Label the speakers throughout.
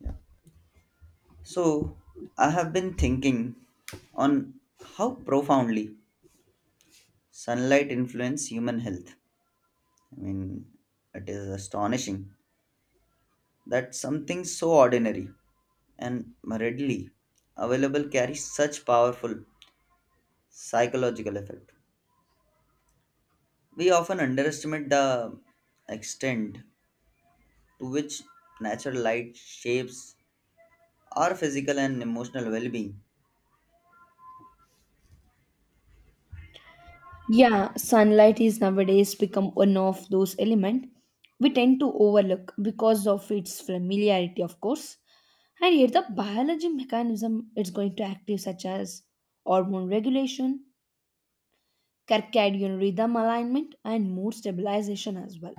Speaker 1: Yeah. So I have been thinking on how profoundly sunlight influence human health. I mean, it is astonishing that something so ordinary and readily available carries such powerful psychological effect. We often underestimate the extent to which natural light shapes our physical and emotional well-being.
Speaker 2: Yeah, sunlight is nowadays become one of those elements we tend to overlook because of its familiarity, of course. And yet the biology mechanism it's going to active such as hormone regulation, circadian rhythm alignment, and mood stabilization as well.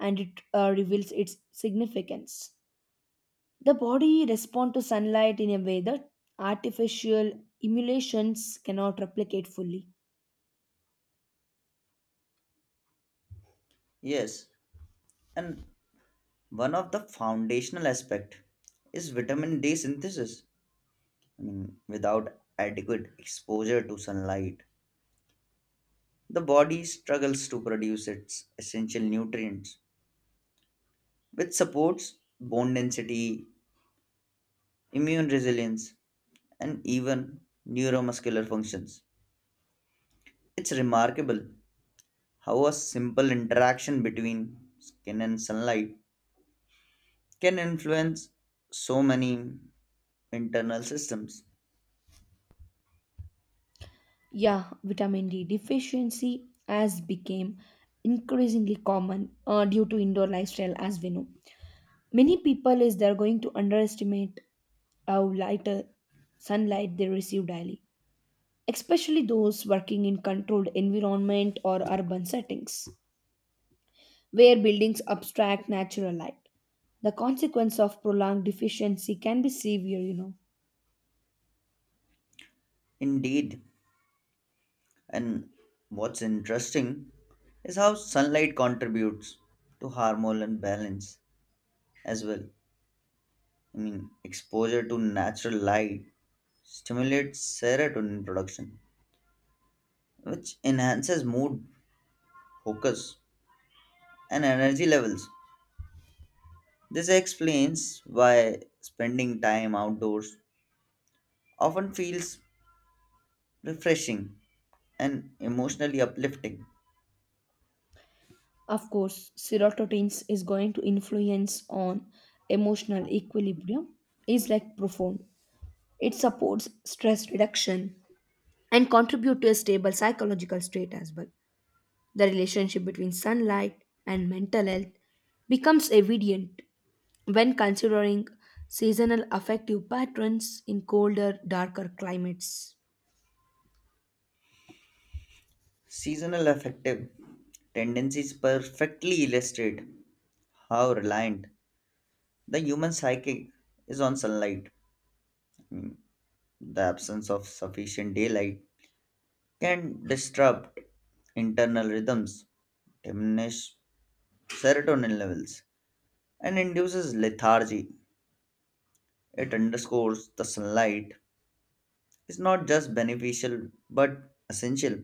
Speaker 2: And it reveals its significance. The body responds to sunlight in a way that artificial emulations cannot replicate fully.
Speaker 1: Yes, and one of the foundational aspect is vitamin D synthesis. I mean, without adequate exposure to sunlight, the body struggles to produce its essential nutrients, which supports bone density, immune resilience, and even neuromuscular functions. It's remarkable how a simple interaction between skin and sunlight can influence so many internal systems.
Speaker 2: Yeah, vitamin D deficiency has become increasingly common due to indoor lifestyle as we know. Many people is they're going to underestimate how lighter sunlight they receive daily, especially those working in controlled environment or urban settings where buildings abstract natural light. The consequence of prolonged deficiency can be severe, you know.
Speaker 1: Indeed, and what's interesting is how sunlight contributes to hormonal balance as well. I mean, exposure to natural light stimulates serotonin production, which enhances mood, focus, and energy levels. This explains why spending time outdoors often feels refreshing and emotionally uplifting.
Speaker 2: Of course, serotonin is going to influence on emotional equilibrium is like profound. It supports stress reduction and contribute to a stable psychological state as well. The relationship between sunlight and mental health becomes evident when considering seasonal affective patterns in colder, darker climates.
Speaker 1: Seasonal affective tendencies perfectly illustrate how reliant the human psyche is on sunlight. The absence of sufficient daylight can disrupt internal rhythms, diminish serotonin levels, and induces lethargy. It underscores the sunlight is not just beneficial but essential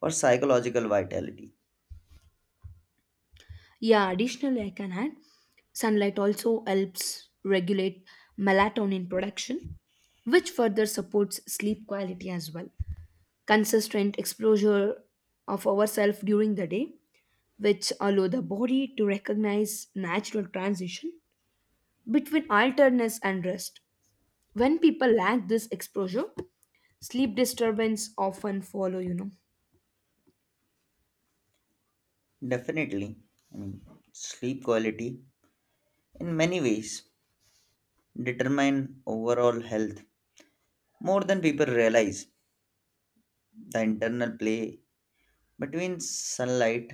Speaker 1: for psychological vitality.
Speaker 2: Yeah, additionally, I can add sunlight also helps regulate melatonin production, which further supports sleep quality as well. Consistent exposure of ourselves during the day, which allow the body to recognize natural transition between alertness and rest. When people lack this exposure, sleep disturbance often follow, you know.
Speaker 1: Definitely, I mean, sleep quality in many ways determine overall health more than people realize. The internal play between sunlight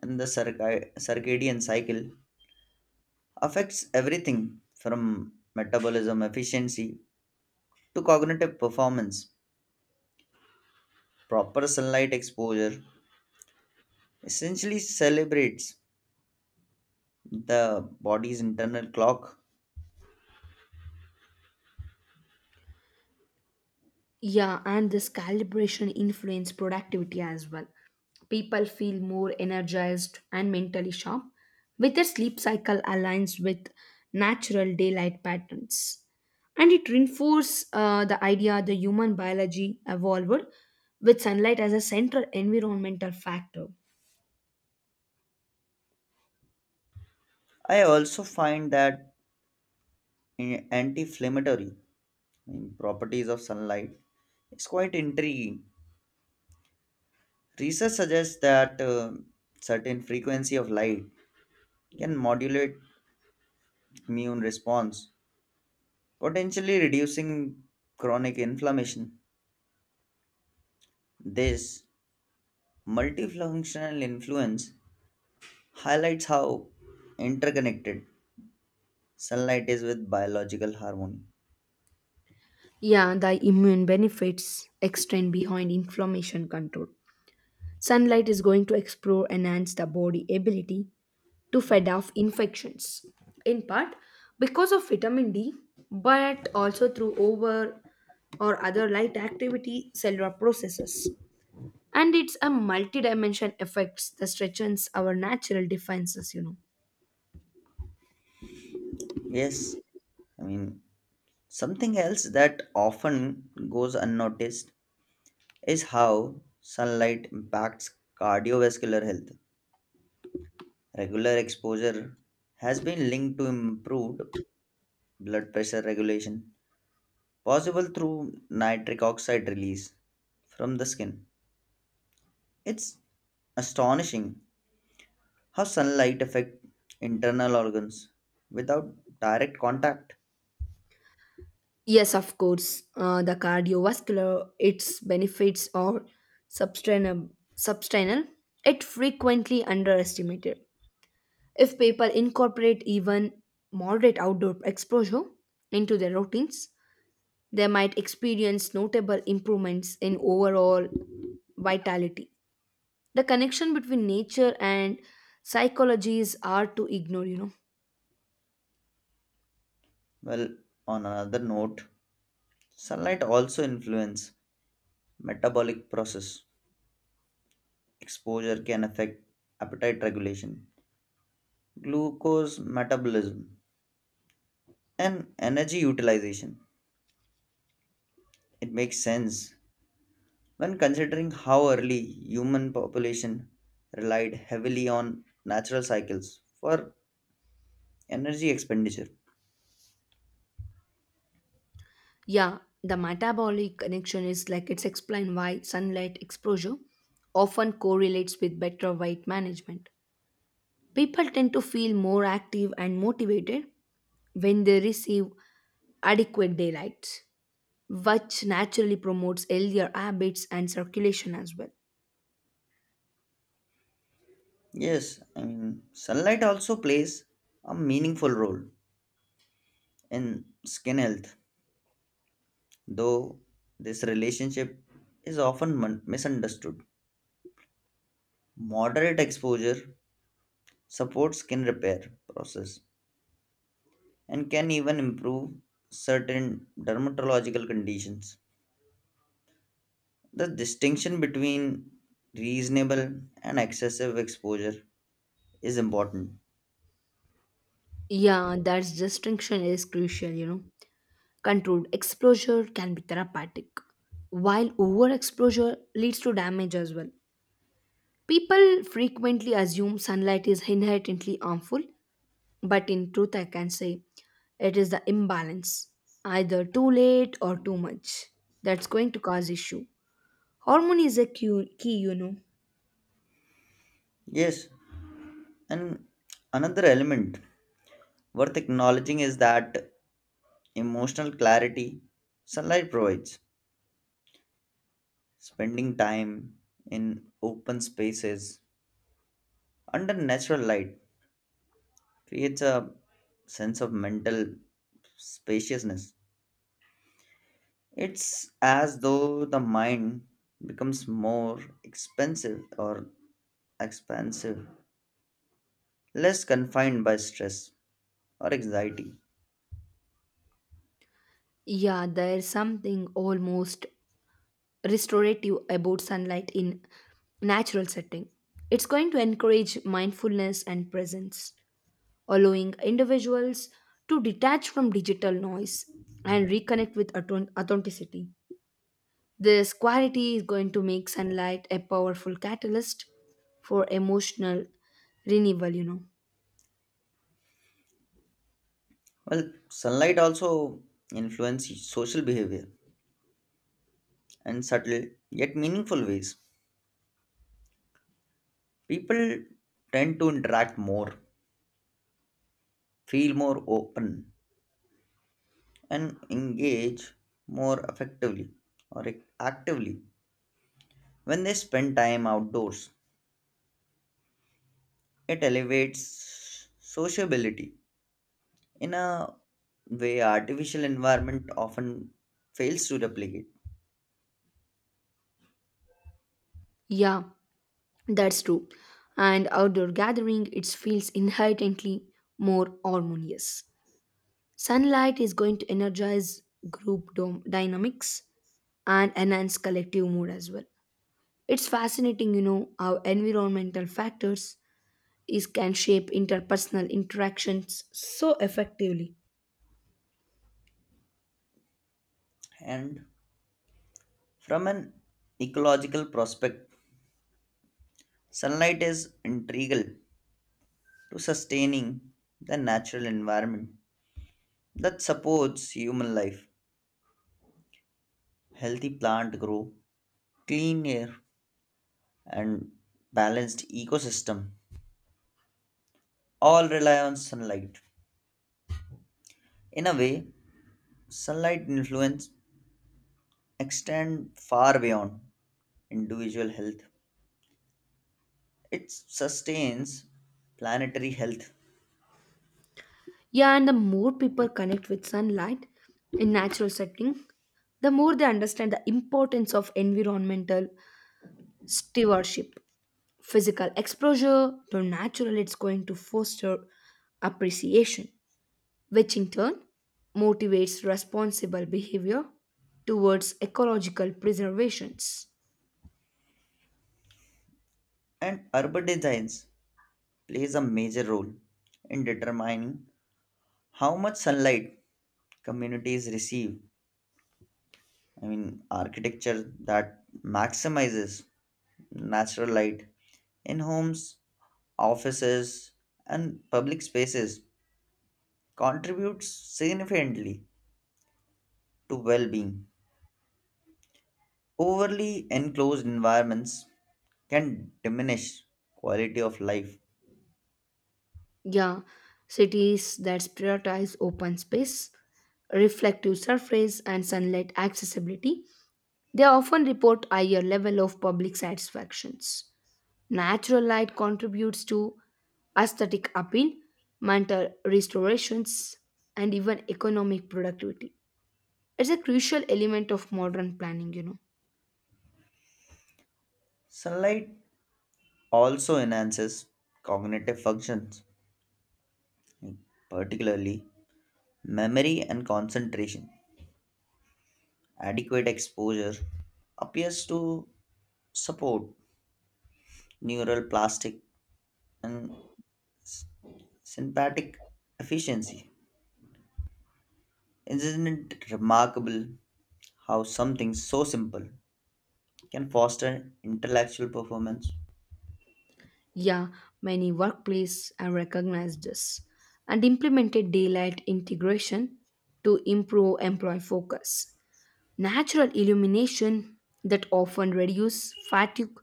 Speaker 1: and the circadian cycle affects everything from metabolism efficiency to cognitive performance. Proper sunlight exposure essentially celebrates the body's internal clock.
Speaker 2: Yeah, and this calibration influence productivity as well. People feel more energized and mentally sharp with their sleep cycle aligns with natural daylight patterns. And it reinforces the idea the human biology evolved with sunlight as a central environmental factor.
Speaker 1: I also find that anti inflammatory properties of sunlight is quite intriguing. Research suggests that certain frequency of light can modulate immune response potentially reducing chronic inflammation. This multifunctional influence highlights how interconnected sunlight is with biological harmony.
Speaker 2: Yeah, the immune benefits extend behind inflammation control. Sunlight is going to explore enhance the body ability to fend off infections in part because of vitamin D but also through over or other light activity cellular processes, and it's a multi-dimension effects that stretches our natural defenses, you know.
Speaker 1: Yes, I mean, something else that often goes unnoticed is how sunlight impacts cardiovascular health. Regular exposure has been linked to improved blood pressure regulation, possible through nitric oxide release from the skin. It's astonishing how sunlight affects internal organs without direct contact.
Speaker 2: Yes, of course. The cardiovascular its benefits are substantial substantial. It frequently underestimated if people incorporate even moderate outdoor exposure into their routines. They might experience notable improvements in overall vitality. The connection between nature and psychology is hard to ignore, you know.
Speaker 1: Well, on another note, sunlight also influences metabolic process. Exposure can affect appetite regulation, glucose metabolism, and energy utilization. It makes sense when considering how early human population relied heavily on natural cycles for energy expenditure.
Speaker 2: Yeah, the metabolic connection is like it's explained why sunlight exposure often correlates with better weight management. People tend to feel more active and motivated when they receive adequate daylight, which naturally promotes healthier habits and circulation as well.
Speaker 1: Yes, I mean, sunlight also plays a meaningful role in skin health, though this relationship is often misunderstood. Moderate exposure supports skin repair process and can even improve certain dermatological conditions. The distinction between reasonable and excessive exposure is important.
Speaker 2: Yeah, that distinction is crucial, you know. Controlled exposure can be therapeutic, while overexposure leads to damage as well. People frequently assume sunlight is inherently harmful, but in truth, I can say it is the imbalance, either too late or too much, that's going to cause issue. Hormone is a key, you know.
Speaker 1: Yes, and another element worth acknowledging is that emotional clarity sunlight provides. Spending time in open spaces under natural light creates a sense of mental spaciousness. It's as though the mind becomes more expensive or expansive, less confined by stress or anxiety.
Speaker 2: Yeah, there's something almost restorative about sunlight in natural setting. It's going to encourage mindfulness and presence, allowing individuals to detach from digital noise and reconnect with authenticity. This quality is going to make sunlight a powerful catalyst for emotional renewal, you know.
Speaker 1: Well, sunlight also influences social behavior in subtle yet meaningful ways. People tend to interact more, feel more open, and engage more effectively or actively when they spend time outdoors. It elevates sociability in a way artificial environment often fails to replicate.
Speaker 2: Yeah, that's true. And outdoor gathering it feels inherently more harmonious. Sunlight is going to energize group dynamics and enhance collective mood as well. It's fascinating, you know, how environmental factors is can shape interpersonal interactions so effectively.
Speaker 1: And from an ecological prospect, sunlight is integral to sustaining the natural environment that supports human life, healthy plant grow, clean air, and balanced ecosystem all rely on sunlight. In a way, sunlight influence extend far beyond individual health. It sustains planetary health,
Speaker 2: Yeah, and the more people connect with sunlight in natural setting, the more they understand the importance of environmental stewardship. Physical exposure to natural it's going to foster appreciation, which in turn motivates responsible behavior towards ecological preservations.
Speaker 1: and urban designs plays a major role in determining how much sunlight communities receive. I mean architecture that maximizes natural light in homes, offices, and public spaces contributes significantly to well-being. Overly enclosed environments can diminish quality of life.
Speaker 2: Yeah, cities that prioritize open space, reflective surface, and sunlight accessibility, they often report higher level of public satisfactions. Natural light contributes to aesthetic appeal, mental restorations, and even economic productivity. It's a crucial element of modern planning, you know.
Speaker 1: Sunlight also enhances cognitive functions, particularly memory and concentration. Adequate exposure appears to support neural plastic and sympathetic efficiency. Isn't it remarkable how something so simple can foster intellectual performance.
Speaker 2: Yeah, many workplaces have recognized this and implemented daylight integration to improve employee focus. Natural illumination that often reduces fatigue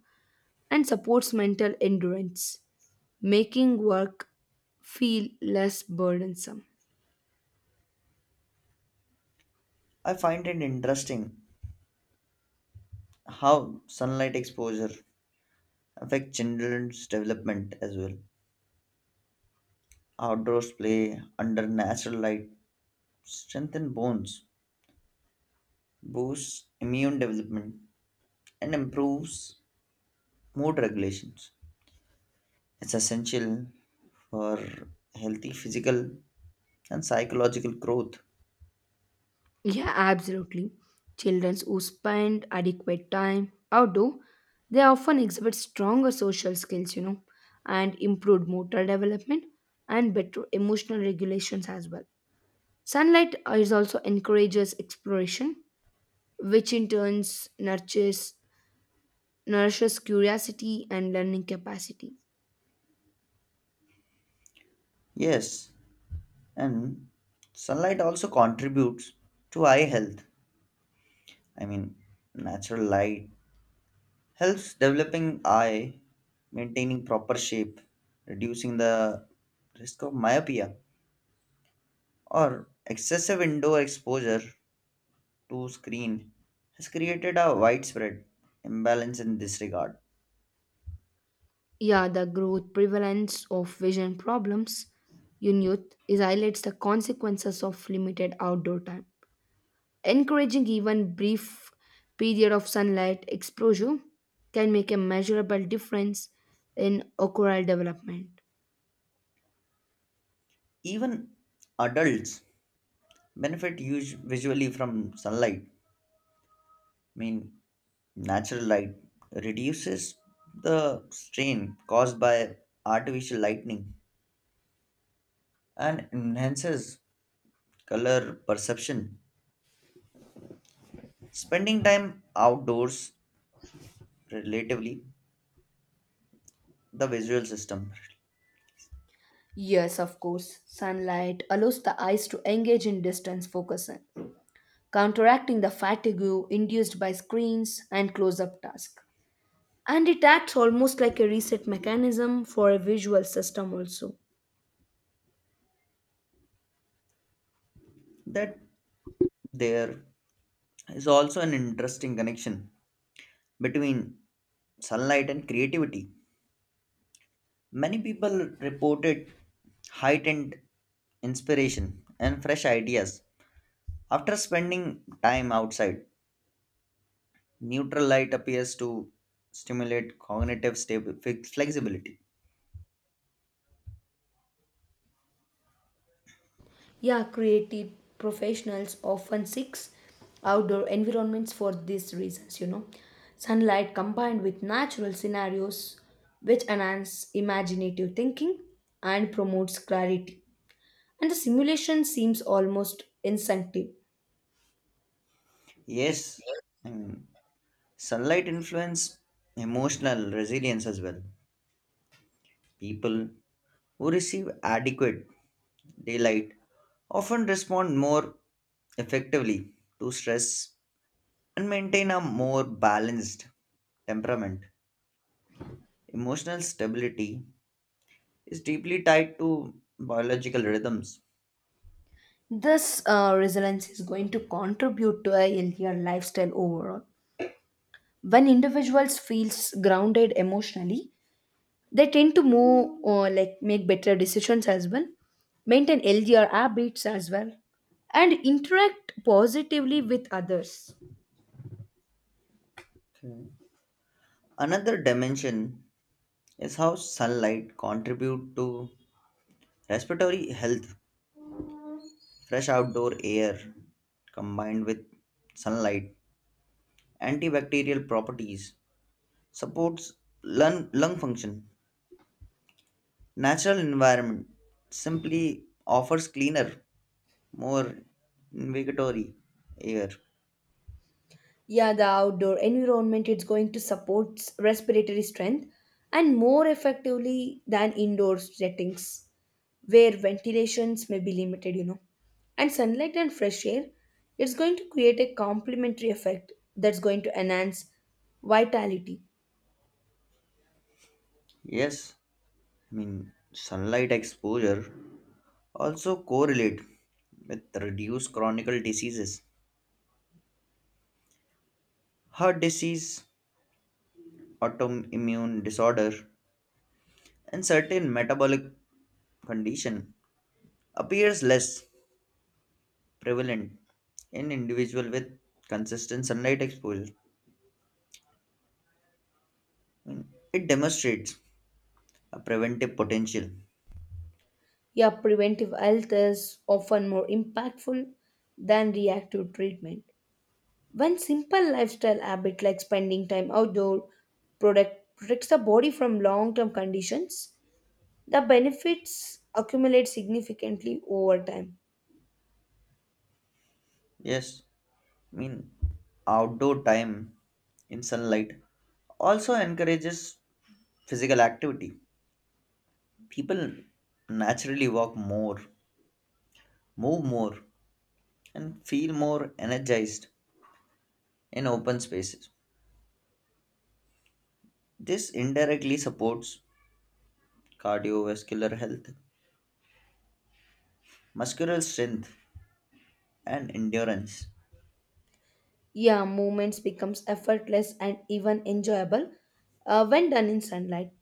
Speaker 2: and supports mental endurance, making work feel less burdensome.
Speaker 1: I find it interesting how sunlight exposure affects children's development as well. Outdoors play under natural light strengthen bones, boosts immune development, and improves mood regulations. It's essential for healthy physical and psychological growth.
Speaker 2: Yeah, absolutely. Children who spend adequate time outdoor, they often exhibit stronger social skills, you know, and improved motor development and better emotional regulations as well. Sunlight is also encourages exploration, which in turns nurtures nourishes curiosity and learning capacity.
Speaker 1: Yes, and sunlight also contributes to eye health. I mean, natural light helps developing eye, maintaining proper shape, reducing the risk of myopia, or excessive indoor exposure to screen has created a widespread imbalance in this regard.
Speaker 2: Yeah, the growth prevalence of vision problems in youth is highlights the consequences of limited outdoor time. Encouraging even brief period of sunlight exposure can make a measurable difference in ocular development.
Speaker 1: Even adults benefit visually from sunlight. I mean, natural light reduces the strain caused by artificial lightning and enhances color perception. Spending time outdoors, relatively, the visual system,
Speaker 2: Yes, of course. Sunlight allows the eyes to engage in distance focusing, counteracting the fatigue induced by screens and close up tasks. And it acts almost like a reset mechanism for a visual system, also.
Speaker 1: that there is also an interesting connection between sunlight and creativity. Many people reported heightened inspiration and fresh ideas after spending time outside. Neutral light appears to stimulate cognitive stable flexibility.
Speaker 2: Yeah, creative professionals often seek outdoor environments for these reasons, you know. Sunlight combined with natural scenarios which enhance imaginative thinking and promotes clarity. And the simulation seems almost instinctive.
Speaker 1: Yes, and sunlight influence emotional resilience as well. People who receive adequate daylight often respond more effectively to stress and maintain a more balanced temperament. Emotional stability is deeply tied to biological rhythms.
Speaker 2: This resilience is going to contribute to a healthier lifestyle overall. When individuals feels grounded emotionally, they tend to move or like make better decisions as well, maintain healthier habits as well, and interact positively with others.
Speaker 1: Okay. Another dimension is how sunlight contribute to respiratory health. Fresh outdoor air combined with sunlight antibacterial properties, supports lung function. Natural environment simply offers cleaner, more invigatory air.
Speaker 2: Yeah, the outdoor environment is going to support respiratory strength and more effectively than indoor settings where ventilations may be limited, you know. And sunlight and fresh air, it's going to create a complementary effect that's going to enhance vitality.
Speaker 1: Yes, I mean sunlight exposure also correlate with reduced chronic diseases, heart disease, autoimmune disorder, and certain metabolic condition appears less prevalent in individual with consistent sunlight exposure. It demonstrates a preventive potential.
Speaker 2: Yeah, preventive health is often more impactful than reactive treatment. One simple lifestyle habit like spending time outdoor product protects the body from long-term conditions. The benefits accumulate significantly over time.
Speaker 1: Yes, I mean, outdoor time in sunlight also encourages physical activity. People naturally walk more, move more, and feel more energized in open spaces. This indirectly supports cardiovascular health, muscular strength, and endurance.
Speaker 2: Yeah, movements becomes effortless and even enjoyable when done in sunlight.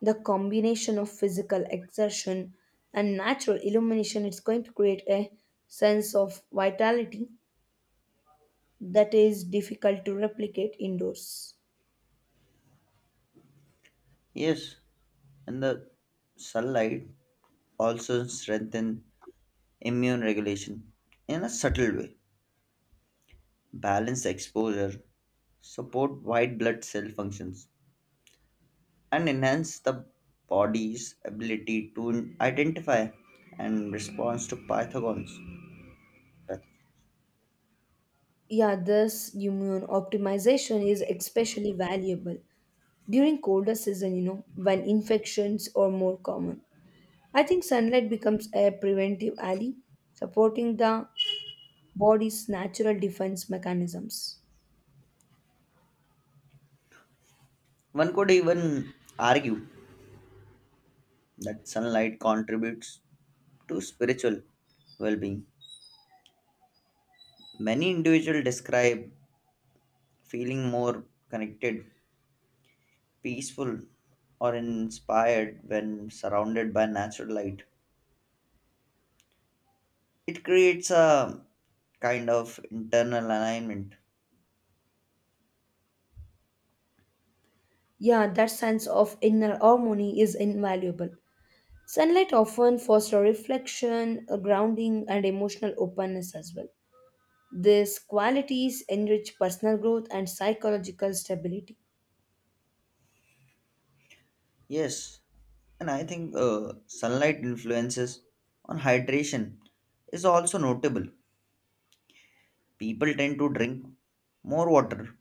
Speaker 2: The combination of physical exertion and natural illumination is going to create a sense of vitality that is difficult to replicate indoors.
Speaker 1: Yes, and the sunlight also strengthens immune regulation in a subtle way, balance exposure, support white blood cell functions, and enhance the body's ability to identify and respond to pathogens.
Speaker 2: Yeah, this immune optimization is especially valuable during colder season, you know, when infections are more common. I think sunlight becomes a preventive ally, supporting the body's natural defense mechanisms.
Speaker 1: One could even argue that sunlight contributes to spiritual well being. Many individuals describe feeling more connected, peaceful, or inspired when surrounded by natural light. It creates a kind of internal alignment.
Speaker 2: Yeah, that sense of inner harmony is invaluable. Sunlight often fosters reflection, grounding, and emotional openness as well. These qualities enrich personal growth and psychological stability.
Speaker 1: Yes, and I think sunlight influences on hydration is also notable. People tend to drink more water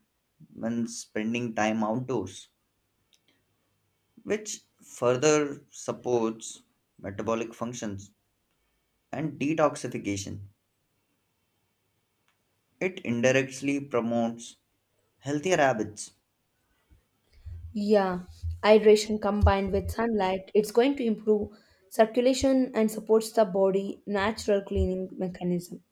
Speaker 1: when spending time outdoors, which further supports metabolic functions and detoxification. It indirectly promotes healthier habits.
Speaker 2: Yeah, hydration combined with sunlight, it's going to improve circulation and supports the body natural cleaning mechanism.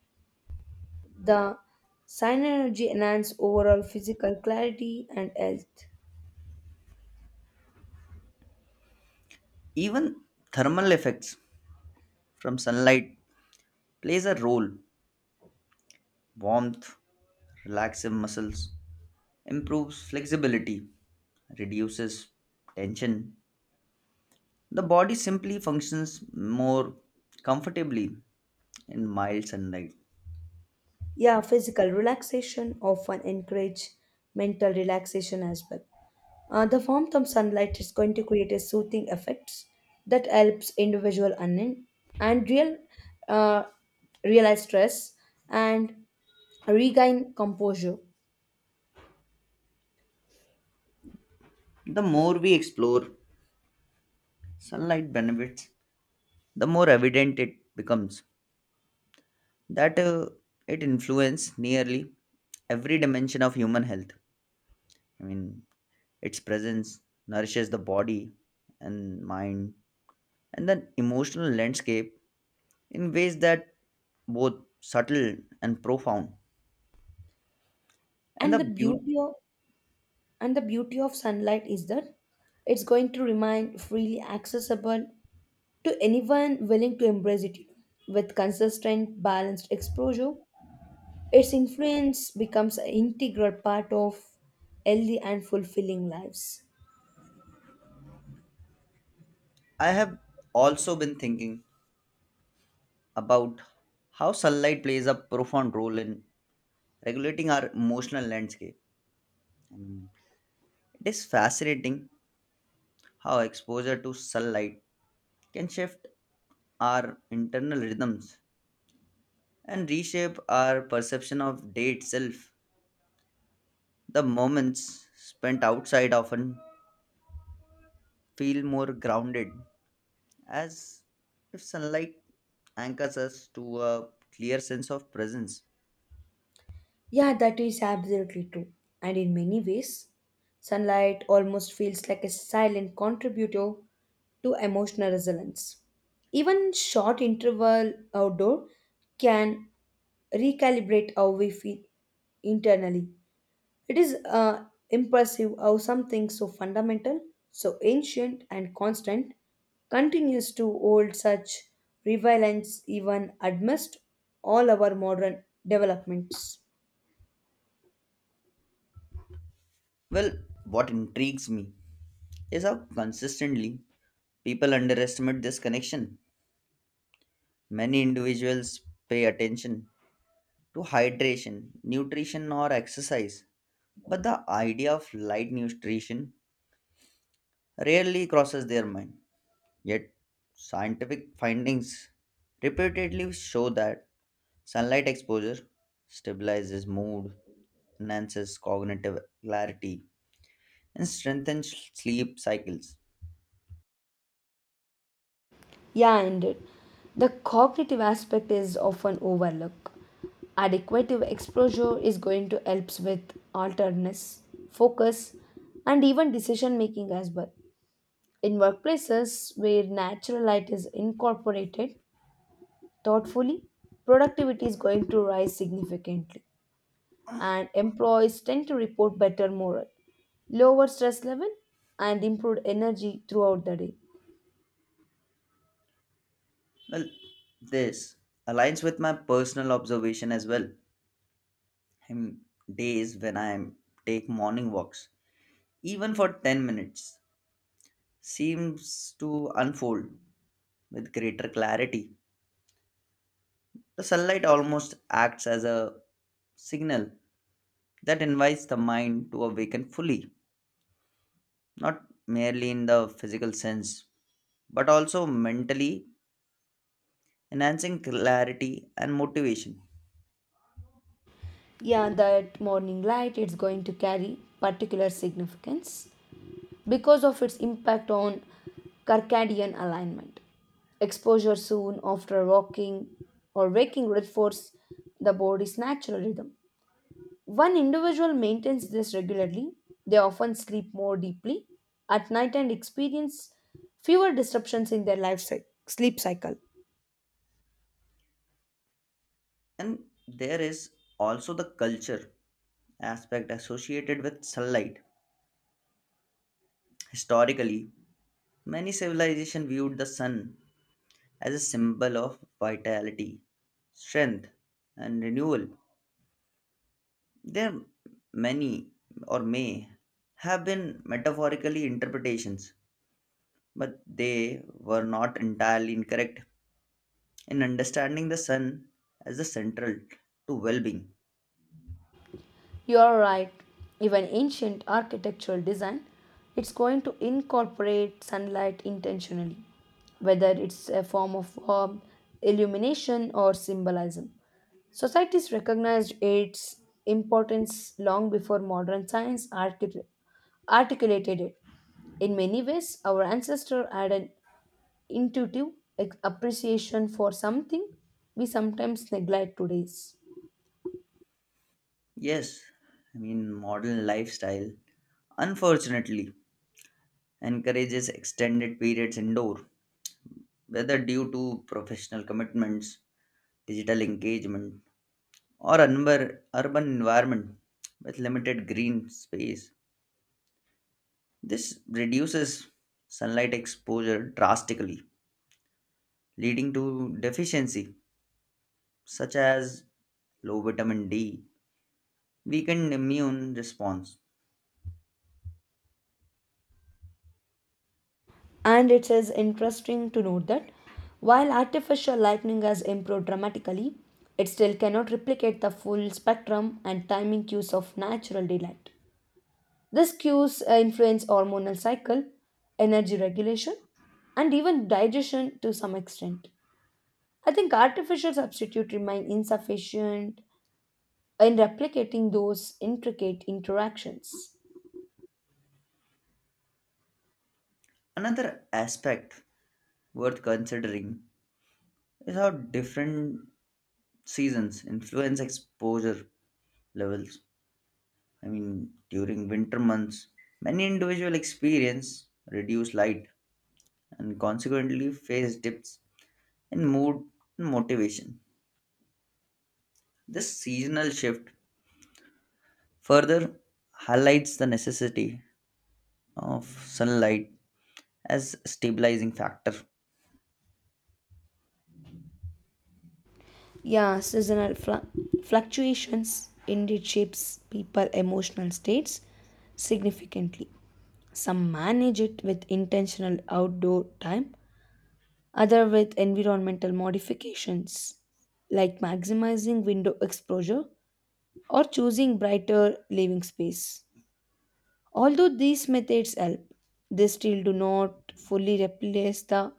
Speaker 2: The synergy enhance overall physical clarity and health.
Speaker 1: Even thermal effects from sunlight plays a role. Warmth relaxes muscles, improves flexibility, reduces tension. The body simply functions more comfortably in mild sunlight.
Speaker 2: Yeah, physical relaxation often encourage mental relaxation as well. The warmth of sunlight is going to create a soothing effects that helps individual and, and real uh, realize stress and regain composure.
Speaker 1: The more we explore sunlight benefits, the more evident it becomes that it influences nearly every dimension of human health. I mean, its presence nourishes the body and mind and the emotional landscape in ways that both subtle and profound. And
Speaker 2: And the
Speaker 1: the beauty
Speaker 2: beauty of and the beauty of sunlight is that it's going to remain freely accessible to anyone willing to embrace it with consistent balanced exposure. Its influence becomes an integral part of healthy and fulfilling lives.
Speaker 1: I have also been thinking about how sunlight plays a profound role in regulating our emotional landscape. And it is fascinating how exposure to sunlight can shift our internal rhythms and reshape our perception of day itself. The moments spent outside often feel more grounded as if sunlight anchors us to a clear sense of presence.
Speaker 2: Yeah, that is absolutely true. And in many ways, sunlight almost feels like a silent contributor to emotional resilience. Even short interval outdoor can recalibrate how we feel internally. It is impressive how something so fundamental, so ancient and constant continues to hold such relevance even amidst all our modern developments.
Speaker 1: Well, what intrigues me is how consistently people underestimate this connection. Many individuals pay attention to hydration, nutrition, or exercise, but the idea of light nutrition rarely crosses their mind. Yet, scientific findings repeatedly show that sunlight exposure stabilizes mood, enhances cognitive clarity, and strengthens sleep cycles.
Speaker 2: Yeah, indeed. The cognitive aspect is often overlooked. Adequate exposure is going to help with alertness, focus, and even decision making as well. In workplaces where natural light is incorporated thoughtfully, productivity is going to rise significantly, and employees tend to report better morale, lower stress level, and improved energy throughout the day.
Speaker 1: Well, this aligns with my personal observation as well. In days when I take morning walks, even for 10 minutes, seems to unfold with greater clarity. The sunlight almost acts as a signal that invites the mind to awaken fully, not merely in the physical sense but also mentally, enhancing clarity and motivation.
Speaker 2: Yeah, that morning light it's going to carry particular significance because of its impact on circadian alignment. Exposure soon after walking or waking reinforces the body's natural rhythm. One individual maintains this regularly. They often sleep more deeply at night and experience fewer disruptions in their sleep cycle.
Speaker 1: And there is also the culture aspect associated with sunlight. Historically, many civilizations viewed the sun as a symbol of vitality, strength, and renewal. There many or may have been metaphorically interpretations, but they were not entirely incorrect, and understanding the sun as the central to well-being.
Speaker 2: You are right. Even ancient architectural design, it's going to incorporate sunlight intentionally, whether it's a form of warmth, illumination, or symbolism. Societies recognized its importance long before modern science articulated it. In many ways, our ancestors had an intuitive appreciation for something we sometimes neglect today.
Speaker 1: Yes, I mean modern lifestyle unfortunately encourages extended periods indoor, whether due to professional commitments, digital engagement, or urban environment with limited green space. This reduces sunlight exposure drastically, leading to deficiency such as low vitamin D, weakened immune response.
Speaker 2: And it is interesting to note that while artificial lightning has improved dramatically, it still cannot replicate the full spectrum and timing cues of natural daylight. These cues influence hormonal cycle, energy regulation, and even digestion to some extent. I think artificial substitute remain insufficient in replicating those intricate interactions.
Speaker 1: Another aspect worth considering is how different seasons influence exposure levels. I mean, during winter months, many individuals experience reduced light and consequently face dips in mood and motivation. This seasonal shift further highlights the necessity of sunlight as a stabilizing factor.
Speaker 2: Yeah, seasonal fluctuations indeed shapes people emotional states significantly. Some manage it with intentional outdoor time, other with environmental modifications like maximizing window exposure or choosing brighter living space. Although these methods help, they still do not fully replace the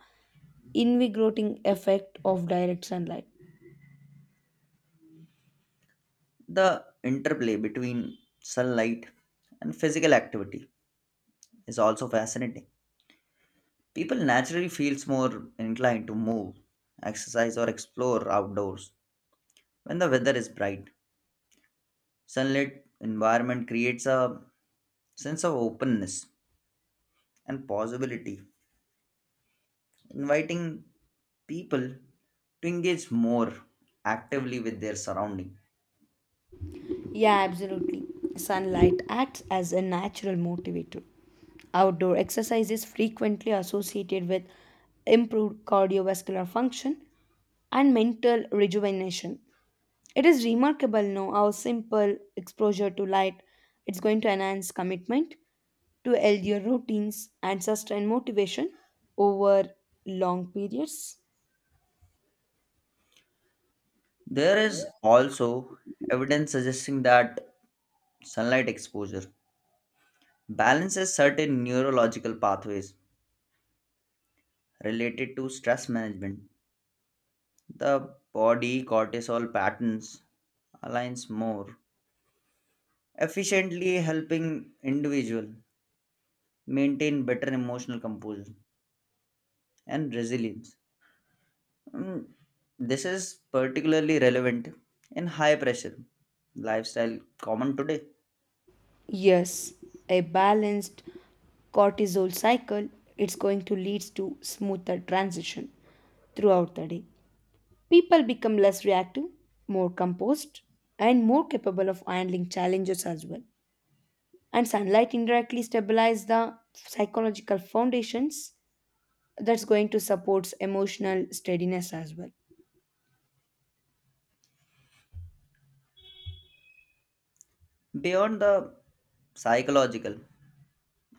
Speaker 2: invigorating effect of direct sunlight.
Speaker 1: The interplay between sunlight and physical activity is also fascinating. People naturally feels more inclined to move, exercise or explore outdoors when the weather is bright. Sunlit environment creates a sense of openness and possibility, inviting people to engage more actively with their surrounding.
Speaker 2: Yeah, absolutely. Sunlight acts as a natural motivator. Outdoor exercise is frequently associated with improved cardiovascular function and mental rejuvenation. It is remarkable now how simple exposure to light it's going to enhance commitment to healthier routines and sustain motivation over long periods.
Speaker 1: There is also evidence suggesting that sunlight exposure balances certain neurological pathways related to stress management. The body cortisol patterns aligns more efficiently, helping individual maintain better emotional composure and resilience. Mm, This is particularly relevant in high pressure lifestyle common today.
Speaker 2: Yes, a balanced cortisol cycle, it's going to lead to smoother transition throughout the day. People become less reactive, more composed, and more capable of handling challenges as well. And sunlight indirectly stabilizes the psychological foundations that's going to support emotional steadiness as well.
Speaker 1: Beyond the psychological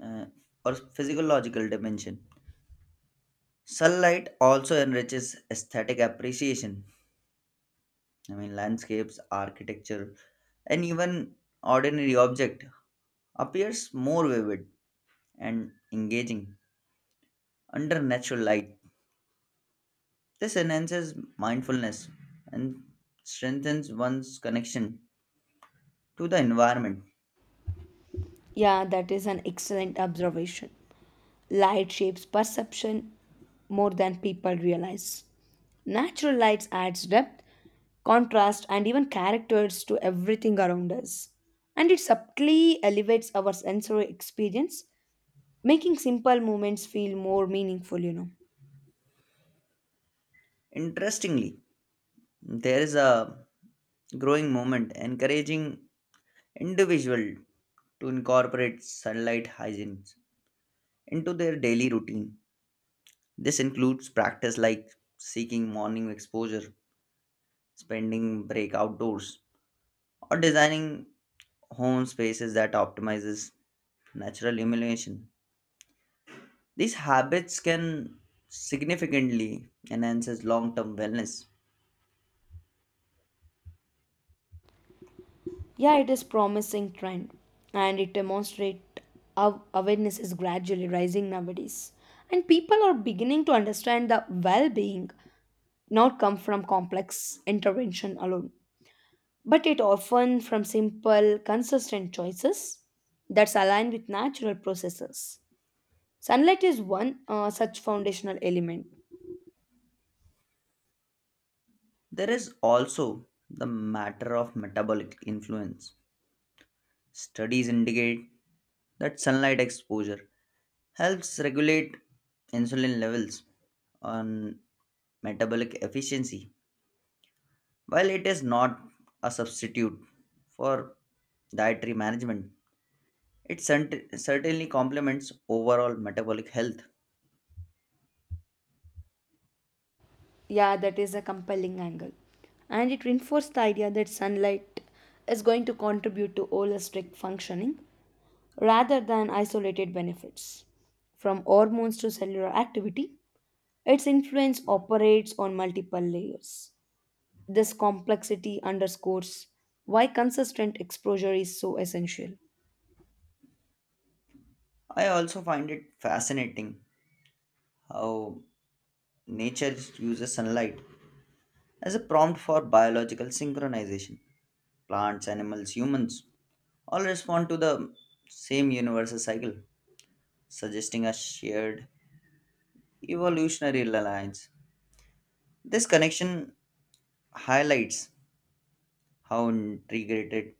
Speaker 1: uh, or physiological dimension, sunlight also enriches aesthetic appreciation. I mean, landscapes, architecture, and even ordinary object appears more vivid and engaging under natural light. This enhances mindfulness and strengthens one's connection to the environment.
Speaker 2: Yeah, that is an excellent observation. Light shapes perception more than people realize. Natural lights adds depth, contrast and even characters to everything around us. And it subtly elevates our sensory experience, making simple moments feel more meaningful, you know.
Speaker 1: Interestingly, there is a growing movement encouraging individuals to incorporate sunlight hygiene into their daily routine. This includes practice like seeking morning exposure, spending break outdoors, or designing home spaces that optimizes natural illumination. These habits can significantly enhances long-term wellness.
Speaker 2: Yeah, it is promising trend and it demonstrates how awareness is gradually rising nowadays. And people are beginning to understand that well-being not come from complex intervention alone, but it often from simple, consistent choices that's aligned with natural processes. Sunlight is one such foundational element.
Speaker 1: There is also the matter of metabolic influence. Studies indicate that sunlight exposure helps regulate insulin levels on metabolic efficiency. While it is not a substitute for dietary management, it certainly complements overall metabolic health.
Speaker 2: Yeah, that is a compelling angle. And it reinforced the idea that sunlight is going to contribute to holistic functioning rather than isolated benefits. From hormones to cellular activity, its influence operates on multiple layers. This complexity underscores why consistent exposure is so essential.
Speaker 1: I also find it fascinating how nature uses sunlight as a prompt for biological synchronization. Plants, animals, humans all respond to the same universal cycle, suggesting a shared evolutionary alliance. This connection highlights how integrated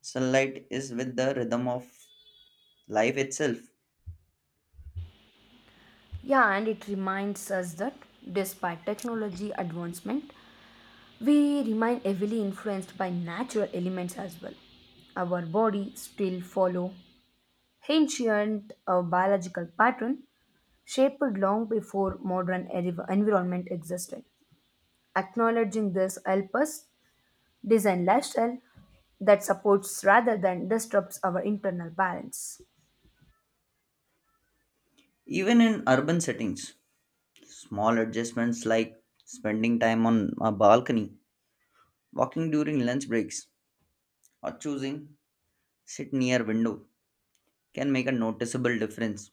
Speaker 1: sunlight is with the rhythm of life itself.
Speaker 2: Yeah, and it reminds us that despite technology advancement, we remain heavily influenced by natural elements as well. Our body still follow ancient biological pattern shaped long before modern environment existed. Acknowledging this help us design lifestyle that supports rather than disrupts our internal balance.
Speaker 1: Even in urban settings, small adjustments like spending time on a balcony, walking during lunch breaks, or choosing sit near window can make a noticeable difference.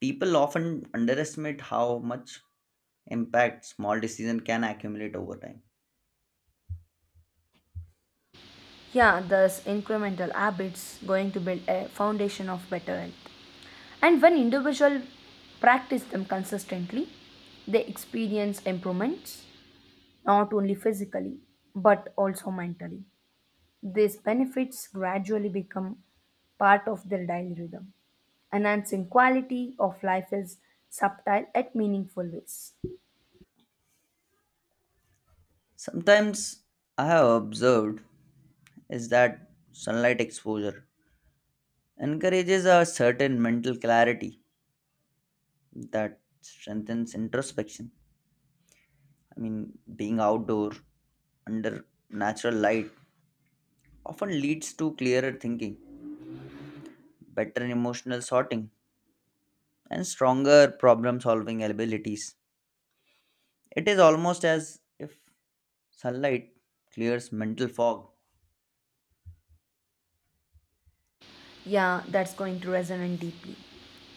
Speaker 1: People often underestimate how much impact small decision can accumulate over time.
Speaker 2: Yeah, thus incremental habits going to build a foundation of better health. And when individuals practice them consistently, they experience improvements not only physically but also mentally. These benefits gradually become part of their daily rhythm enhancing quality of life is subtle yet meaningful ways.
Speaker 1: Sometimes I have observed is that sunlight exposure encourages a certain mental clarity that strengthens introspection. I mean, being outdoor under natural light often leads to clearer thinking, better emotional sorting, and stronger problem solving abilities. It is almost as if sunlight clears mental fog.
Speaker 2: Yeah, that's going to resonate deeply.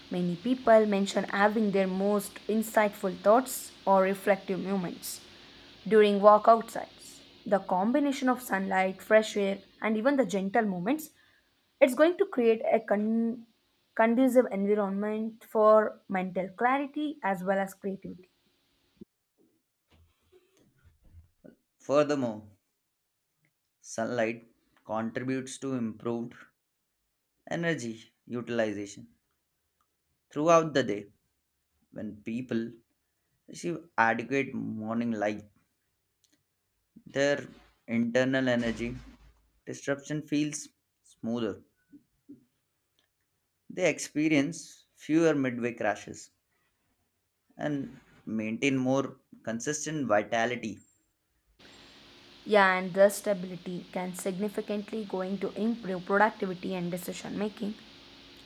Speaker 2: Many people mention having their most insightful thoughts or reflective moments during walk outsides. The combination of sunlight, fresh air, and even the gentle moments, it's going to create a conducive environment for mental clarity as well as creativity.
Speaker 1: Furthermore, sunlight contributes to improved energy utilization throughout the day when people receive adequate morning light. Their internal energy disruption feels smoother. They experience fewer midway crashes and maintain more consistent vitality.
Speaker 2: Yeah, and the stability can significantly going to improve productivity and decision making,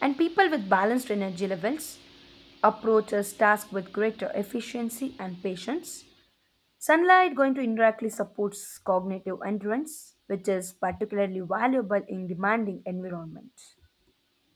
Speaker 2: and people with balanced energy levels approaches task with greater efficiency and patience. Sunlight going to indirectly supports cognitive endurance which is particularly valuable in demanding environments.